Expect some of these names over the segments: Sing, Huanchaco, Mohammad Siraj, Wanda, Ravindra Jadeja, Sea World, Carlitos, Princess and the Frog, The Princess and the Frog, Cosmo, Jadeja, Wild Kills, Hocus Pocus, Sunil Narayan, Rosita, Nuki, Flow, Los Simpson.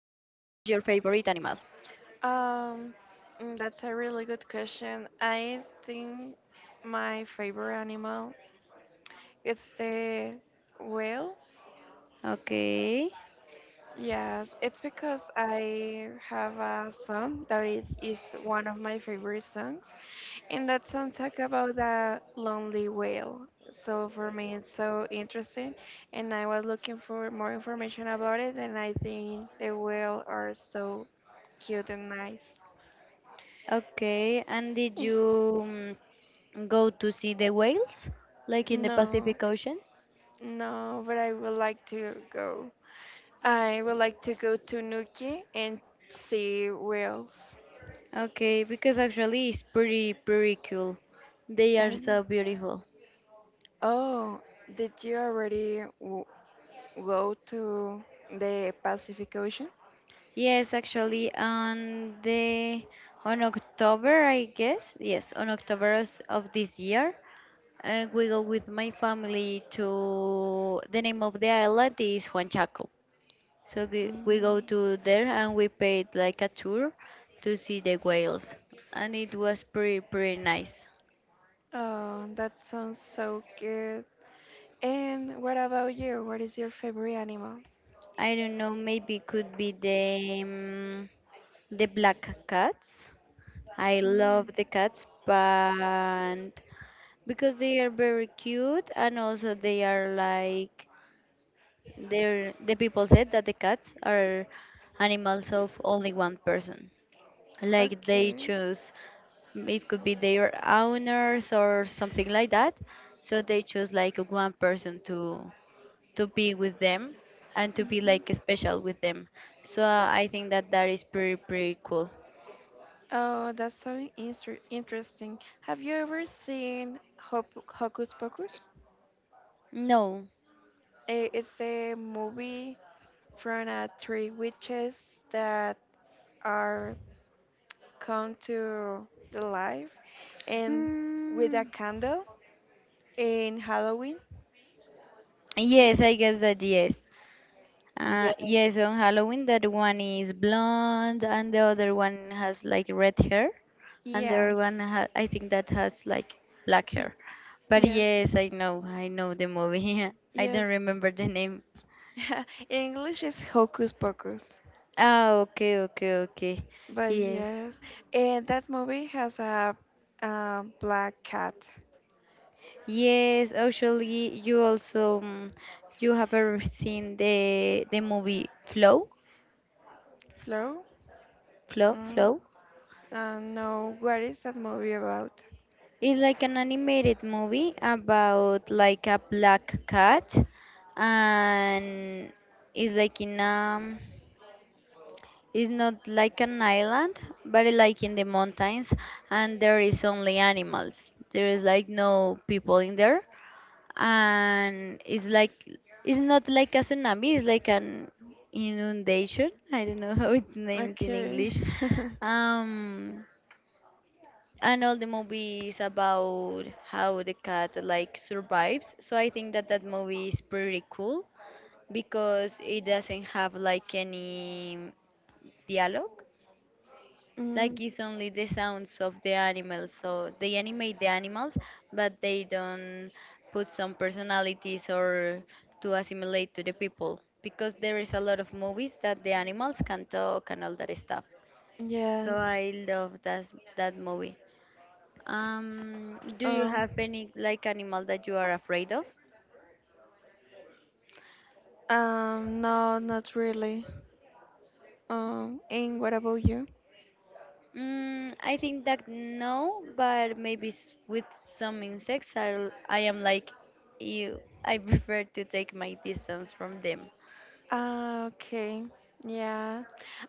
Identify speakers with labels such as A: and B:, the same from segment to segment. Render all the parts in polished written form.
A: favorite animal?
B: Um, that's a really good question. I think my favorite animal it's the whale.
A: Okay.
B: Yes, it's because I have a song that it is one of my favorite songs, and that song talk about that lonely whale. So for me, it's so interesting, and I was looking for more information about it, and I think the whale are so cute and nice.
A: Okay. And did you go to see the whales like in the
B: No,
A: Pacific Ocean?
B: no, but I would like to go. I would like to go to Nuki and see whales.
A: Okay, because actually it's pretty cool. They are
B: Yeah.
A: so beautiful.
B: Oh, did you already w go to the Pacific Ocean?
A: Yes, actually on the on October, I guess. Yes, on October of this year, We go with my family to the name of the island is Huanchaco. So we go
B: Mm,
A: to there and we paid like a tour to see the whales, and it was pretty nice.
B: oh, that sounds so good. And what about you? What is your favorite animal?
A: I don't know, maybe could be the the black cats. I love
B: Mm,
A: the cats, but because they are very cute and also they are like There, the people said that the cats are animals of only one person. Like they
B: okay.
A: choose, it could be their owners or something like that. So they choose like one person to be with them and to be
B: Hmm.
A: like special with them. So I think that that is pretty cool.
B: Oh, that's so interesting. Have you ever seen Hop Hocus Pocus?
A: No.
B: It's the movie from three witches that are come to the life and with a
A: Mm,
B: candle in Halloween. Y-
A: yes, I guess that yes.
B: Yes.
A: Yes, on Halloween, that one is blonde and the other one has like red hair, and the other
B: Yes,
A: one ha I think that has like black
B: y-
A: hair. But
B: yes,
A: yes, I know the movie. I don't
B: yes.
A: remember the name.
B: In English, it's Hocus Pocus,
A: Ah, okay, okay, okay.
B: but
A: Yes,
B: yes, and that movie has a black cat.
A: yes. Actually, you also you have ever seen the movie Flow,
B: Flo?
A: Flow,
B: Mm,
A: Flow?
B: no, what is that movie about?
A: It's like an animated movie about like a black cat and it's like in it's not like an island but it like in the mountains and there is only animals. There is like no people in there and it's like it's not like a tsunami, it's like an inundation. I don't know how its name is in
B: Okay.
A: English. Um and all the movies about how the cat like survives so I think that that movie is pretty cool because it doesn't have like any dialogue like
B: Mm.
A: it's only the sounds of the animals so they animate the animals but they don't put some personalities or to assimilate to the people because there is a lot of movies that the animals can talk and all that stuff so
B: Yes.
A: I love that that movie. Do you
B: Oh.
A: have any like animal that you are afraid of?
B: No, not really. And what about you?
A: Mm, I think that no, but maybe s- with some insects, I am like you. I prefer to take my distance from them.
B: Ah. Okay. Yeah.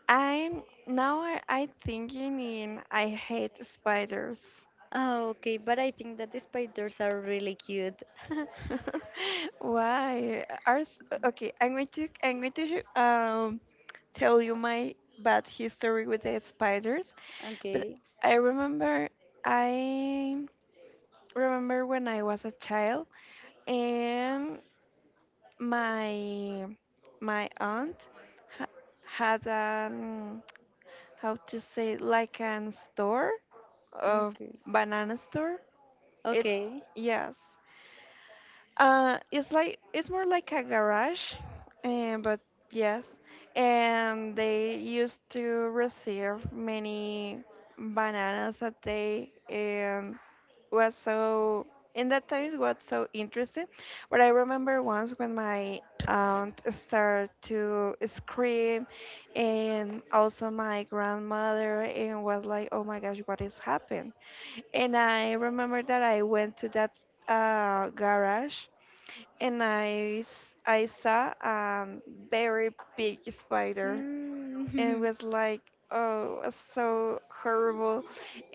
B: I'm now. I thinking in. I hate spiders.
A: Oh, okay, but I think that the spiders are really cute.
B: Why? Okay. I'm going to tell you my bad history with the spiders. But
A: Okay,
B: I remember. I remember when I was a child and my my aunt ha- had how to say like an store a
A: okay,
B: banana store. It's,
A: okay.
B: yes, it's like, it's more like a garage, and but yes, and they used to receive many bananas a day, and was so, in that times was so interesting. But I remember once when my aunt started to scream, and also my grandmother, and was like, oh my gosh, what is happened. And I remember that I went to that garage, and I saw a very big spider, and
A: Mm,
B: was like, oh, it was so horrible.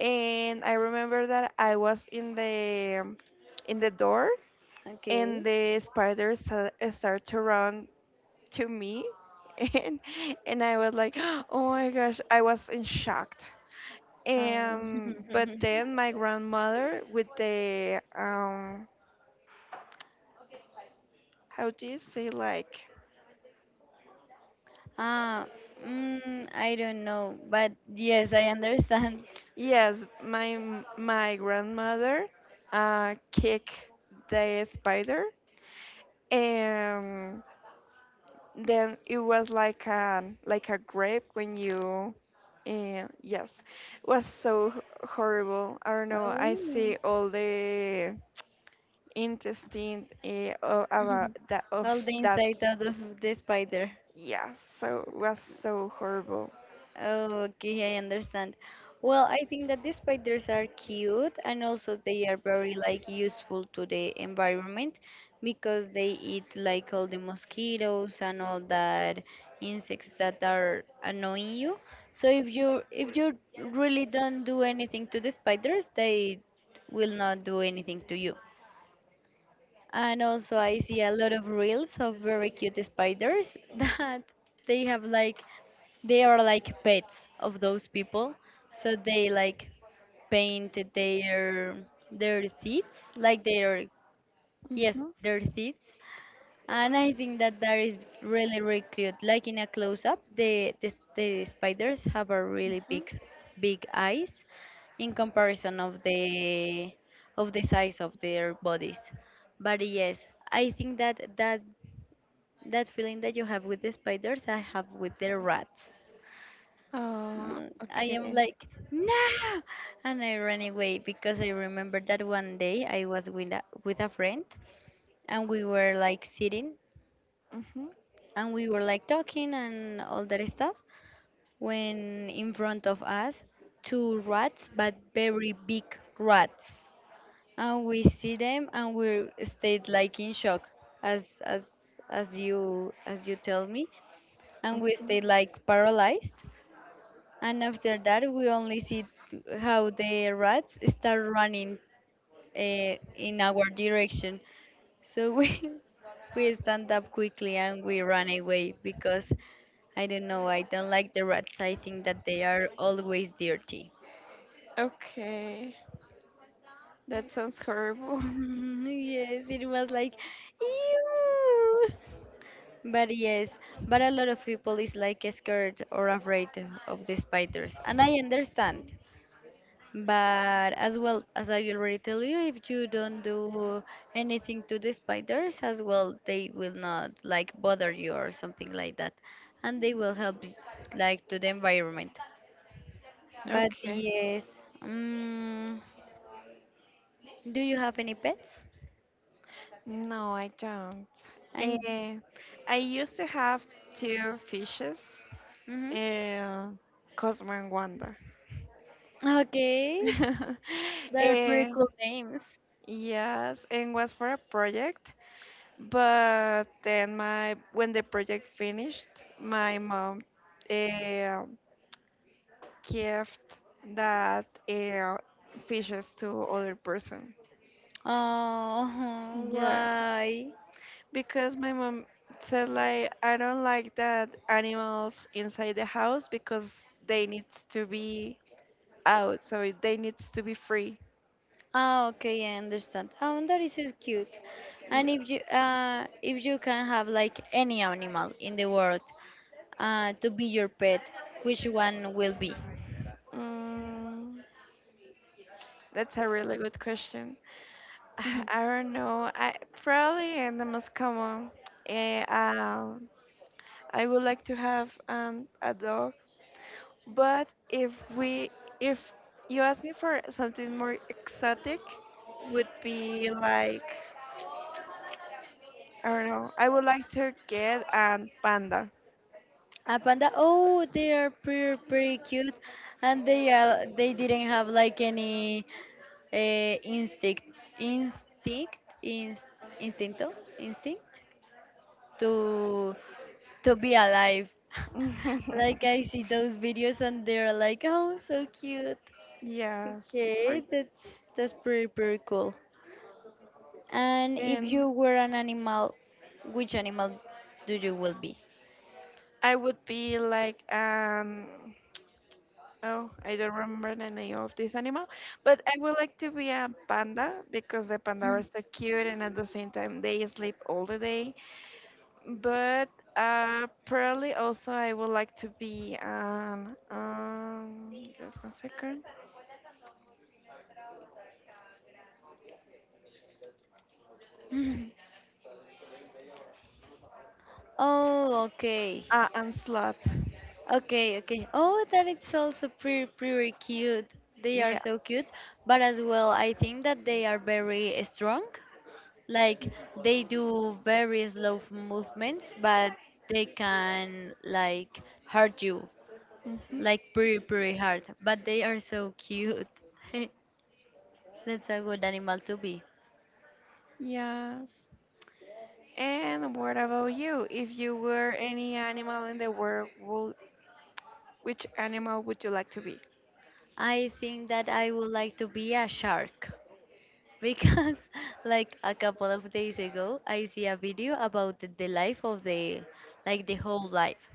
B: And I remember that I was in the, in the door,
A: okay.
B: and the spider started to run to me, and I was like, oh my gosh, I was in shock.
A: Oh.
B: And but then my grandmother with the, how do you say like?
A: Ah, mm, I don't know, but yes, I understand.
B: Yes, my my grandmother kicked the spider, and then it was like a, grape, when you, yes, it was so horrible. I don't know, I
A: Oh.
B: see all the intestine, about that of
A: All the
B: that.
A: inside out of the spider.
B: Yeah, so it was so horrible.
A: Oh, okay, I understand. Well, I think that the spiders are cute and also they are very like useful to the environment because they eat like all the mosquitoes and all that insects that are annoying you. So if you really don't do anything to the spiders, they will not do anything to you. And also, I see a lot of reels of very cute spiders that they have like, they are like pets of those people. So they like paint their teeth, like their yes,
B: Mm-hmm,
A: their teeth and I think that that is really, really cute. Like in a close up, the sp- the spiders have a really
B: mm-hmm.
A: big, s- big eyes in comparison of the size of their bodies. But yes, I think that that feeling that you have with the spiders, I have with the rats.
B: Oh,
A: Mm, I am
B: okay.
A: like no, and I ran away because I remember that one day I was with a friend and we were like sitting
B: Mm-hmm.
A: and we were like talking and all that stuff when in front of us two rats but very big rats and we see them and we stayed like in shock as as you tell me and we
B: Hmm.
A: stayed like paralyzed and after that we only see t- how the rats start running in our direction so we we stand up quickly and we run away because I don't know, I don't like the rats. I think that they are always dirty.
B: Okay, that sounds horrible.
A: Mhm, yes, it was like ew. But yes, but a lot of people is like scared or afraid of the spiders, and I understand. But as well as I already tell you, if you don't do anything to the spiders, as well, they will not like bother you or something like that, and they will help y- like to the environment. But
B: Okay.
A: yes, do you have any pets?
B: No, I don't.
A: And
B: Uh, I used to have two fishes,
A: mhm.
B: uh, Cosmo and Wanda.
A: Okay, they're pretty
B: Eh,
A: cool names.
B: yes, and was for a project, but then my when the project finished, my mom uh, gave that fishes to other person.
A: Oh,
B: Yeah,
A: why?
B: because my mom said like, I don't like that animals inside the house, because they need to be out, so they need to be free.
A: Ah, okay, I understand. Oh, that is so cute. And
B: Yeah.
A: if you can have like any animal in the world to be your pet, which one will be?
B: Mm, that's a really good question. I don't know. I probably and the most common. eh, um, I would like to have a dog, but if you ask me for something more exotic, would be like, I don't know. I would like to get a panda.
A: A panda. Oh, they are pretty cute, and they are they didn't have like any instinct instinct inst, instincto instinct to be alive. Like I see those videos and they're like, oh, so cute.
B: Yes, for,
A: Okay, that's pretty cool. And if
B: and
A: you were an animal, which animal do you will be?
B: I would be like, oh, I don't remember the name of this animal, but I would like to be a panda, because the panda are so cute and at the same time they sleep all the day. But probably also I would like to be an, just one second,
A: Hmm. Oh, okay.
B: an sloth.
A: Okay, okay. Oh, that it's also pretty cute. They are
B: Yeah.
A: so cute, but as well, I think that they are very strong. Like they do very slow movements, but they can like hurt you,
B: Hmm.
A: like pretty hard. But they are so cute. That's a good animal to be.
B: Yes. And what about you? If you were any animal in the world, which animal would you like to be?
A: I think that I would like to be a shark because, like a couple of days ago, I see a video about the life of the, like the whole life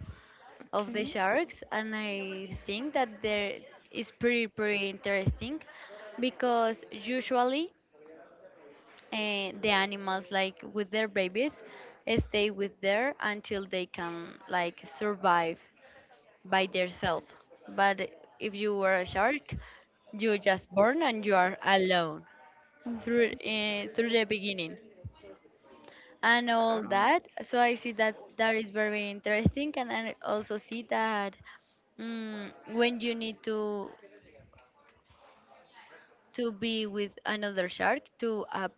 A: of the
B: Okay.
A: sharks, and I think that there is pretty interesting because usually the animals like with their babies stay with there until they can like survive by themselves. But if you were a shark, you just born and you are alone
B: Mm.
A: through through the beginning and all
B: Uh,
A: that. So I see that that is very interesting, and I also see that when you need to be with another shark to up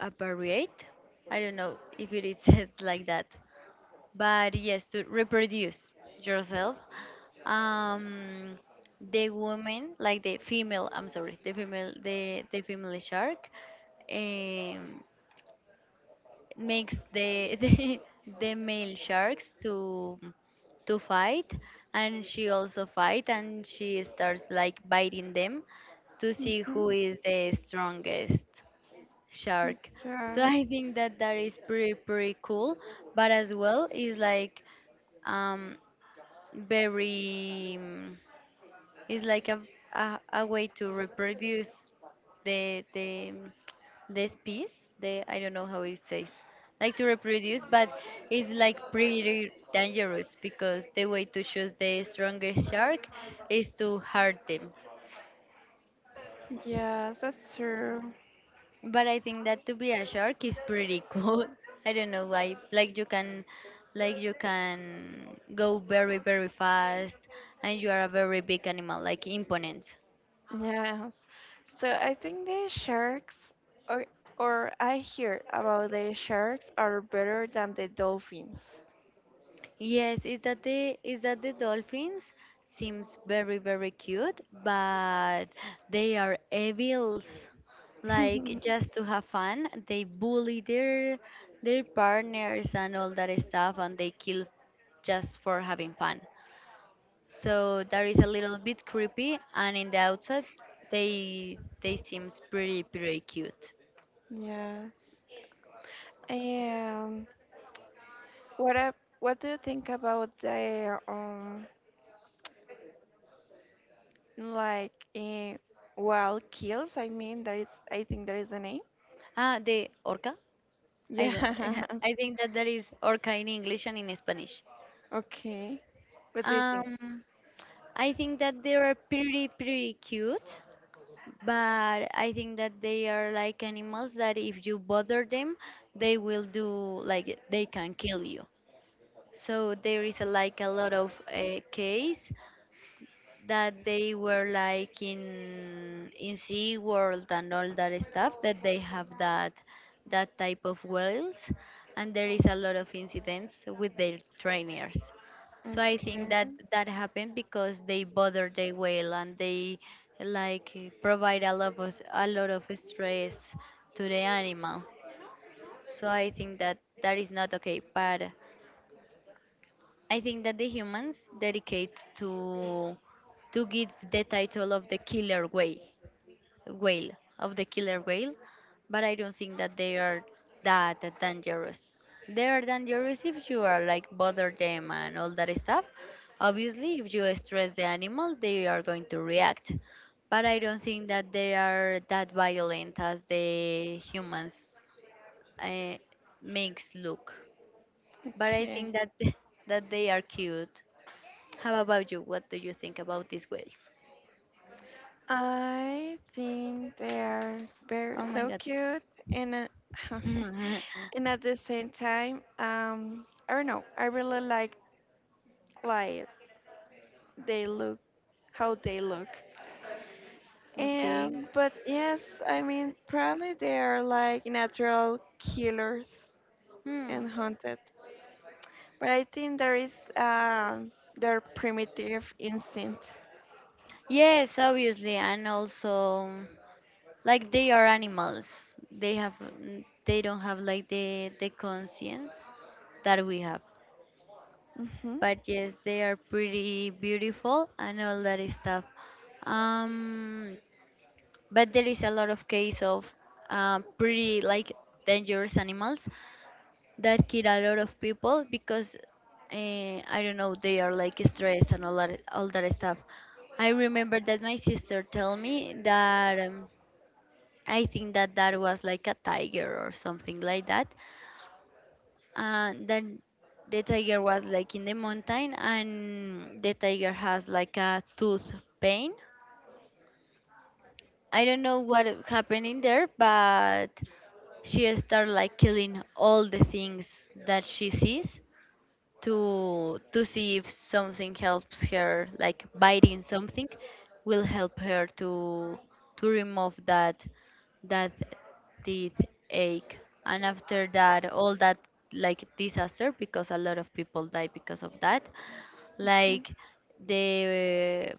A: apparate. I don't know if it is said like that. But yes to reproduce yourself um the woman like the female I'm sorry the female the female shark um makes the the male sharks to fight and she also fight and she starts like biting them to see
B: mhm.
A: who is the strongest shark so
B: Yeah.
A: I think that that is pretty cool but as well is like um very it's like a, a way to reproduce the this piece the I don't know how it says like to reproduce but it's like pretty dangerous because the way to choose the strongest shark is to hurt them
B: Yes, that's true.
A: but I think that to be a shark is pretty cool. I don't know why like you can go very fast and you are a very big animal like imponent.
B: Yes. So I think the sharks, or, or I hear about the sharks are better than the dolphins.
A: Yes, is that the dolphins seems very cute, but they are evils. Like just to have fun, they bully their partners and all that stuff, and they kill just for having fun. So that is a little bit creepy, and in the outside, they seems pretty cute.
B: Yes. And what do you think about the, like Wild Kills, I mean, that is, I think that is the name.
A: Ah, the orca. I don't-
B: Yeah.
A: I think that that is orca in English and in Spanish.
B: Okay. What do you think?
A: Um. I think that they are pretty, pretty cute, but I think that they are like animals that if you bother them, they will do like they can kill you. So there is a, like a lot of case that they were like in Sea World and all that stuff that they have that that type of whales and there is a lot of incidents with their trainers. So I think
B: Okay.
A: that that happened because they bother the whale and they like provide a lot of stress to the animal. So I think that that is not okay. But I think that the humans dedicate to give the title of the killer whale, whale of the killer whale, but I don't think that they are that dangerous. They are dangerous if you are like bother them and all that stuff. Obviously, if you stress the animal, they are going to react. But I don't think that they are that violent as the humans uh, makes look. But I think
B: Okay.
A: that that they are cute. How about you? What do you think about these whales?
B: I think they are very
A: Oh my
B: so
A: god.
B: cute, and okay. And at the same time, I don't know. I really like they look, how they look.
A: Okay.
B: But yes, I mean probably they are like natural killers
A: Hmm.
B: and hunted. But I think there is their primitive instinct.
A: Yes, obviously, and also like they are animals. They have n- they don't have like the conscience that we have.
B: Mm-hmm.
A: But yes, they are pretty beautiful and all that is stuff. Um, but there is a lot of case of pretty like dangerous animals that kill a lot of people because I don't know, they are like stressed and all that stuff. I remember that my sister told me that I think that that was like a tiger or something like that, and then the tiger was like in the mountain and the tiger has like a tooth pain. I don't know what happened in there, but she started like killing all the things that she sees to see if something helps her, like biting something will help her to remove that teeth ache. And after that, all that like disaster, because a lot of people die because of that, like the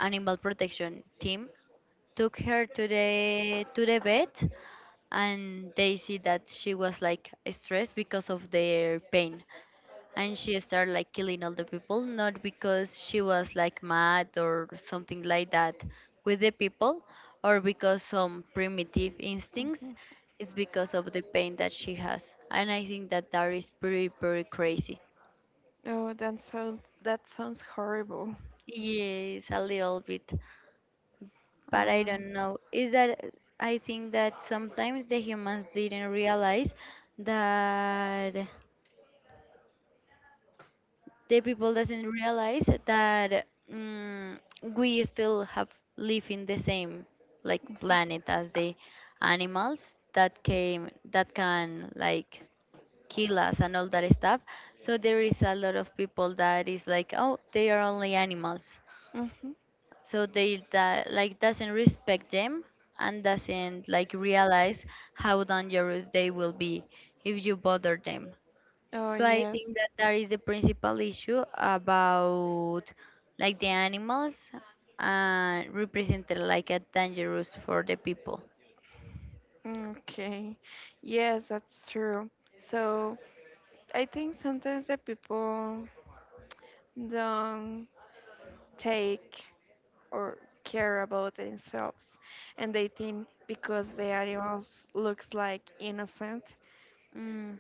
A: animal protection team took her to the vet, and they see that she was like stressed because of their pain and she started like killing all the people, not because she was like mad or something like that with the people, or because some primitive instincts.
B: Mm-hmm.
A: It's because of the pain that she has, and I think that that is pretty crazy.
B: Oh, that sounds horrible.
A: Yes, a little bit,
B: Oh
A: but I
B: my.
A: don't know, is that I think that sometimes the humans didn't realize that the people doesn't realize that we still have live in the same like planet as the animals that came, that can like kill us and all that stuff. So there is a lot of people that is like, oh, they are only animals,
B: Mm-hmm.
A: so they that like doesn't respect them and doesn't like realize how dangerous they will be if you bother them.
B: Oh
A: So I
B: yes.
A: think that that is the principal issue about like the animals and represented like a dangerous for the people.
B: Okay. Yes, that's true. So I think sometimes the people don't take or care about themselves, and they think, because the animals looks like innocent,
A: Mm.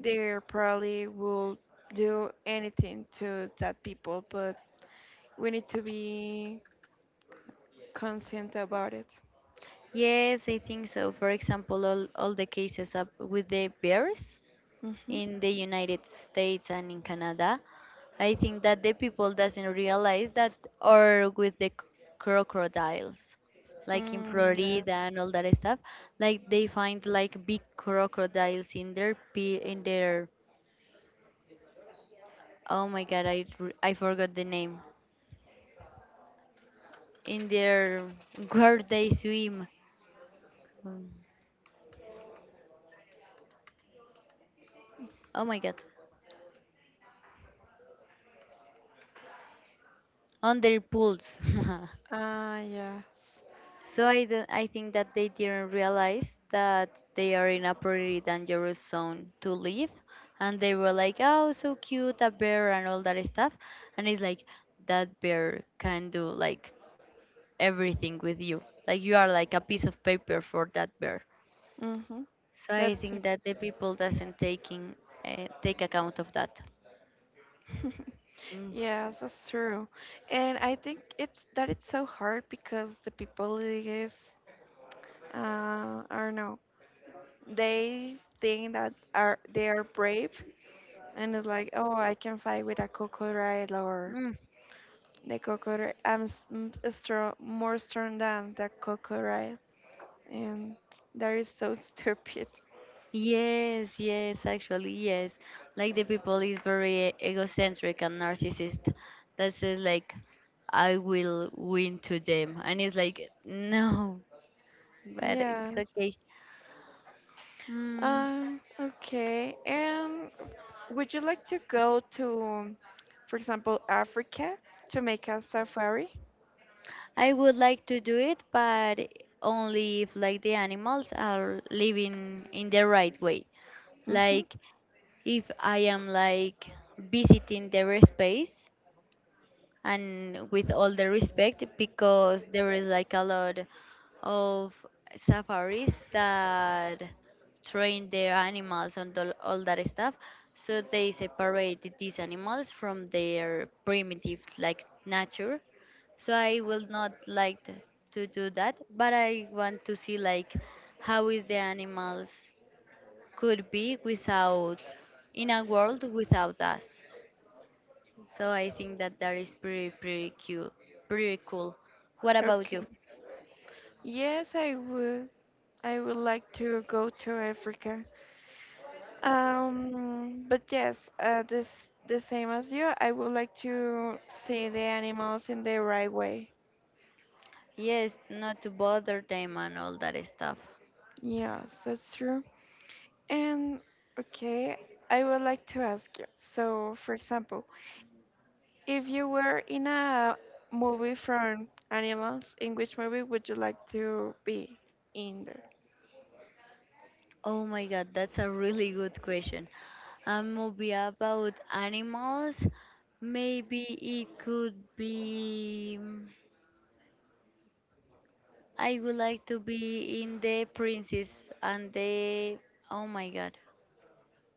B: they probably will do anything to that people, but we need to be conscious about it.
A: Yes, I think so. For example, all the cases up with the bears
B: Mm-hmm.
A: in the United States and in Canada. I think that the people doesn't realize that, or with the crocodiles like in
B: Mm, yes.
A: Florida and all that stuff. Like they find like big crocodiles in their oh my god, I forgot the name, in their where they swim. Mm, oh my god, on their pools.
B: Ah, yes.
A: So I think that they didn't realize that they are in a pretty dangerous zone to live. And they were like, oh, so cute, a bear and all that stuff. And it's like, that bear can do like everything with you. Like you are like a piece of paper for that bear.
B: Mm-hmm.
A: So I
B: That's
A: think that the people doesn't taking take account of that.
B: true.
A: Mm.
B: Yes, that's true. And I think it's that, it's so hard, because the people is, uh I don't know. They think that are they are brave, and it's like, oh, I can fight with a crocodile.
A: Mm.
B: The crocodile. I'm strong, more strong than the crocodile, and that is so stupid.
A: Yes, yes, actually, yes. Like the people is very egocentric and narcissist that says like, I will win to them, and it's like no, but it's
B: Yes.
A: okay. Mm,
B: Okay. And would you like to go to, for example, Africa to make a safari?
A: I would like to do it, but only if like the animals are living in the right way.
B: Mm-hmm.
A: Like if I am like visiting their space and with all the respect, because there is like a lot of safaris that train their animals and all that stuff, so they separated these animals from their primitive like nature, so I will not like to do that, but I want to see like how is the animals could be without, in a world without us. So I think that that is pretty cute, pretty cool. What about you?
B: Okay. Yes, I would. Like to go to Africa. But yes, this the same as you. I would like to see the animals in the right way.
A: Yes, not to bother them and all that stuff.
B: Yes, that's true. And okay, I would like to ask you. So, for example, if you were in a movie from animals, in which movie would you like to be in there?
A: Oh my god, that's a really good question. A movie about animals? Maybe it could be. I would like to be in The Princess and the. Oh my god,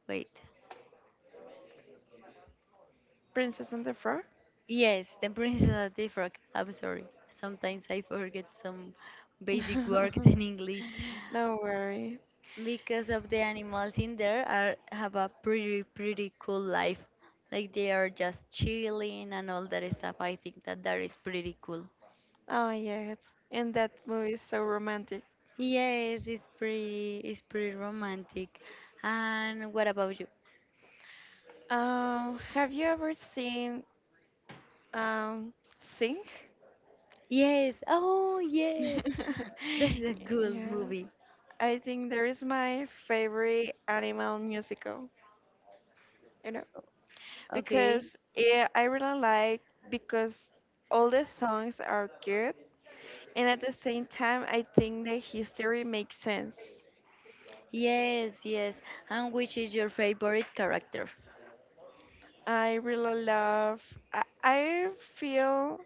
A: wait.
B: Princess and the Frog?
A: Yes, The Princess and the Frog. I'm sorry. Sometimes I forget some basic words in English.
B: No worry.
A: Because of the animals in there are have a pretty cool life. Like they are just chilling and all that stuff. I think that that is pretty cool.
B: Oh, yes. And that movie is so romantic.
A: Yes, it's pretty, it's pretty romantic. And what about you?
B: Have you ever seen, um Sing?
A: Yes. Oh, yes.
B: Yeah,
A: That's a good movie.
B: I think there is my favorite animal musical. You know,
A: Okay.
B: because, yeah, I really like, because all the songs are good, and at the same time I think the history makes sense.
A: Yes, yes. And which is your favorite character?
B: I really love. I feel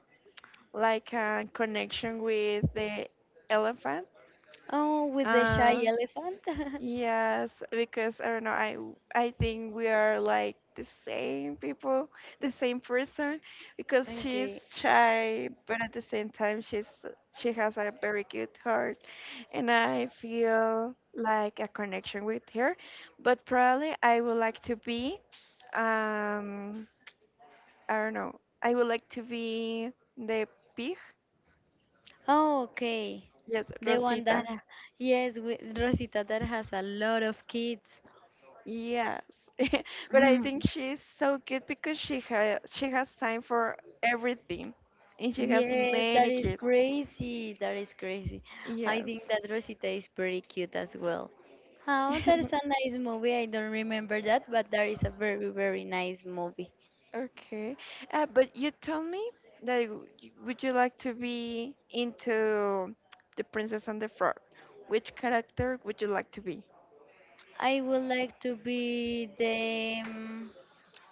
B: like a connection with the elephant.
A: Oh, with the shy
B: uh,
A: elephant?
B: Yes, because I don't know, I think we are like the same people, the same person, because she's
A: Okay.
B: shy, but at the same time she's, she has a very good heart, and I feel like a connection with her. But probably I would like to be, um, I don't know, I would like to be the pig.
A: Oh, okay.
B: Yes,
A: The one that,
B: Rosita.
A: yes, with Rosita that has a lot of kids.
B: Yes, but I
A: Mhm.
B: think she's so good because she has time for everything, and she has
A: Yes, that
B: many
A: is
B: kids.
A: crazy. That is crazy. I
B: Yes.
A: think that Rosita is pretty cute as well. Oh, that is a nice movie. I don't remember that, but that is a very, very nice movie.
B: Okay. But you told me that would you like to be into The Princess and the Frog? Which character would you like to be?
A: I would like to be the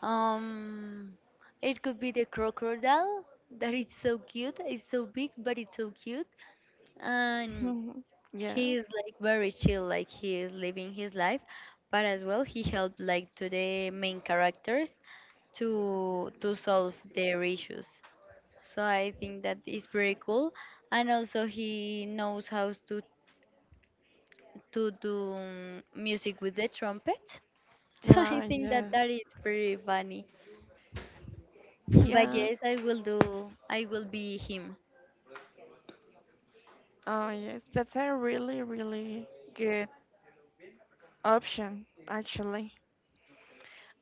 A: um, it could be the crocodile that is so cute. It's so big, but it's so cute. And he
B: Yes.
A: is like very chill, like he is living his life, but as well he helped like to the main characters to solve their issues, so I think that is pretty cool. And also he knows how to do music with the trumpet. So I
B: Ah,
A: think that
B: yes.
A: that is pretty funny. But
B: Yes.
A: yes, I will be him.
B: Oh, yes. That's a really, really good option, actually.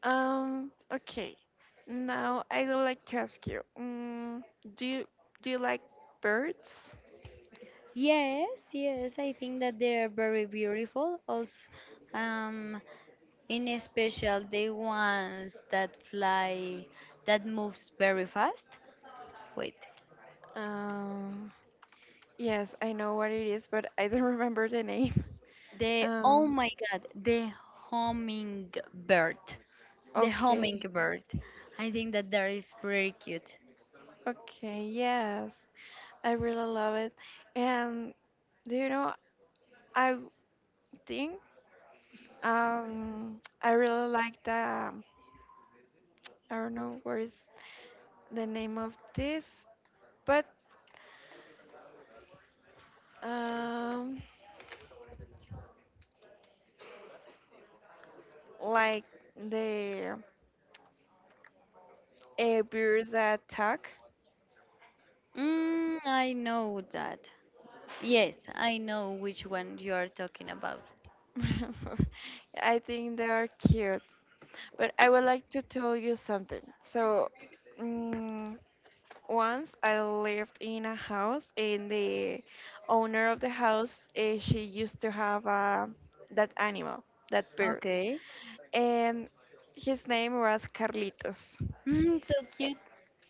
B: Okay. Now I would like to ask you, do you do you like birds?
A: Yes, yes, I think that they are very beautiful also. um In special, the ones that fly, that moves very fast. Wait,
B: Um, yes, I know what it is, but I don't remember the name.
A: the oh
B: Um,
A: my god, the hummingbird, the
B: okay.
A: hummingbird. I think that that is pretty cute.
B: Okay, yes. I really love it. And do you know, I think, I really like the, I don't know what is the name of this, but um like the bears that talk.
A: Mm, I know that. Yes, I know which one you are talking about.
B: I think they are cute. But I would like to tell you something. So, mm once I lived in a house, and the owner of the house, she used to have that animal, that bird,
A: Okay.
B: and his name was Carlitos.
A: Mm, so
B: A-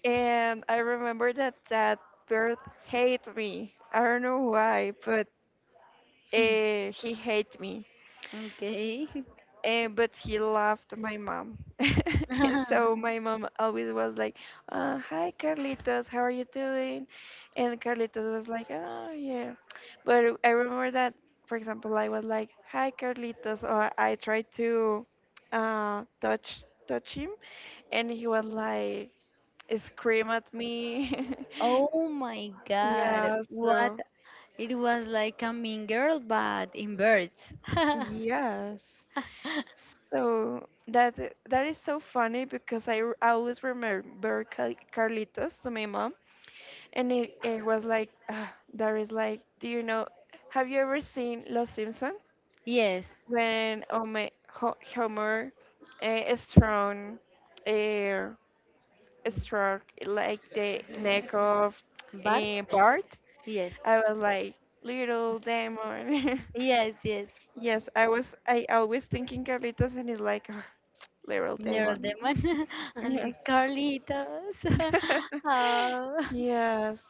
B: And I remember that that bird hated me. I don't know why, but
A: cute.
B: he hated me.
A: Okay.
B: But he loved my mom. And so my mom always was like, hi, Carlitos, how are you doing? And Carlitos was like, oh, yeah. But I remember that, for example, I was like, hi, Carlitos, or I tried to touch him, and he was like, scream at me.
A: Oh my God,
B: Yeah,
A: what?
B: so,
A: It was like a mean girl, but in birds.
B: yes. So that is so funny, because I always remember Carlitos to my mom, and it was like, ah, that is like, do you know? Have you ever seen Los Simpson
A: Yes,
B: when Homer strong uh, struck like the neck of,
A: Bart?
B: Bart?
A: Yes,
B: I was like, little demon.
A: yes, yes.
B: Yes, I always thinking Carlitos, and it's like, ah, little
A: Little
B: demon.
A: Demon and the
B: Yes.
A: Carlitos. Oh.
B: Yes,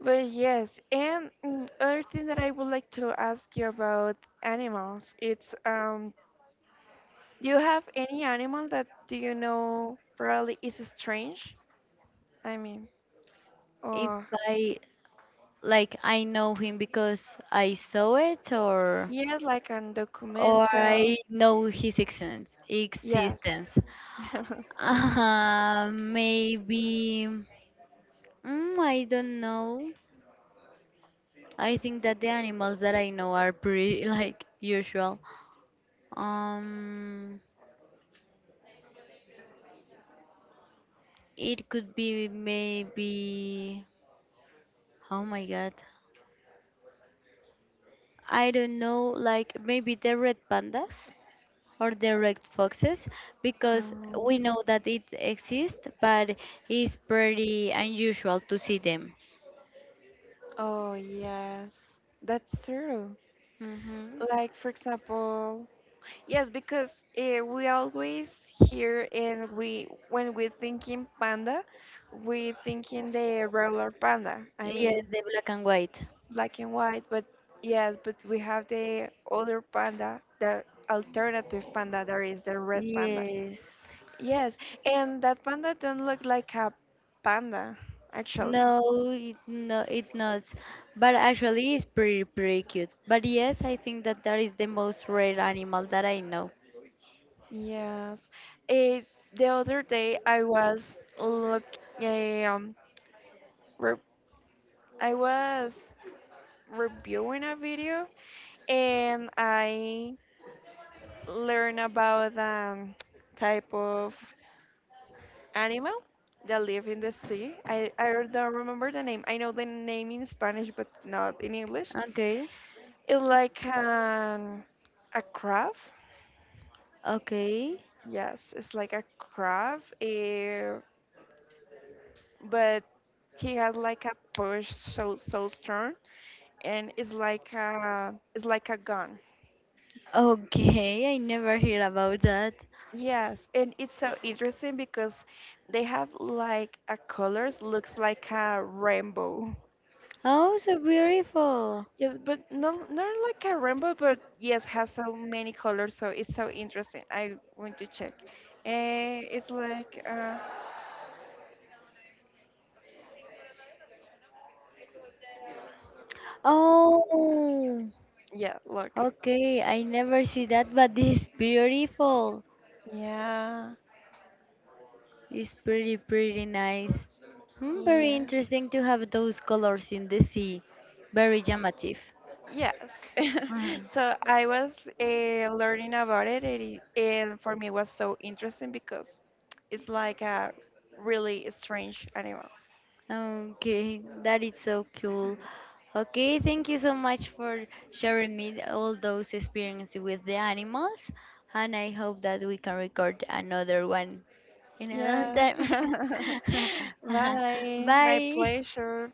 B: but yes, and, other thing that I would like to ask you about animals, it's, do you have any animal that, do you know, probably is strange? I mean,
A: If
B: or,
A: I like, I know him because I saw it,
B: yes, like an
A: or
B: documental.
A: I know his existence.
B: Yes.
A: Existence. Maybe. Mm, I don't know. I think that the animals that I know are pretty like usual. Um, it could be maybe. Oh my god. I don't know, like maybe the red pandas or the red foxes, because
B: Um,
A: we know that it exists, but it's pretty unusual to see them.
B: oh yes, that's true.
A: Hmm.
B: Like for example, yes, because we always hear, and we when we thinking panda, we thinking the regular panda. I
A: Yes,
B: mean
A: the black and white.
B: black and white, but yes, but we have the other panda, the alternative panda. There is the red panda.
A: Yes.
B: Yes, and that panda don't look like a panda, actually.
A: No, it no, it not. But actually, it's pretty cute. But yes, I think that that is the most rare animal that I know.
B: Yes, it, the other day I was look eh, re- I was reviewing a video, and I learned about a type of animal that live in the sea. I don't remember the name. I know the name in Spanish, but not in English.
A: Okay,
B: It's like a crab.
A: okay,
B: Yes, it's like a crab, but he has like a push, so strong, and it's like a gun.
A: okay. I never heard about that.
B: Yes, and it's so interesting, because they have like a colors, looks like a rainbow.
A: Oh, so beautiful.
B: Yes, but not like a rainbow, but yes, has so many colors, so it's so interesting. I want to check. It's like,
A: Oh,
B: yeah, look.
A: okay. I never see that, but this is beautiful.
B: Yeah,
A: It's pretty nice. Hmm, very
B: yeah,
A: interesting to have those colors in the sea. Very llamative.
B: yes.
A: Uh-huh.
B: So I was learning about it, and, and for me it was so interesting because it's like a really strange animal.
A: Okay, that is so cool. Okay, thank you so much for sharing me all those experiences with the animals, and I hope that we can record another one in a long
B: Yes.
A: time.
B: Bye. My
A: Bye.
B: pleasure.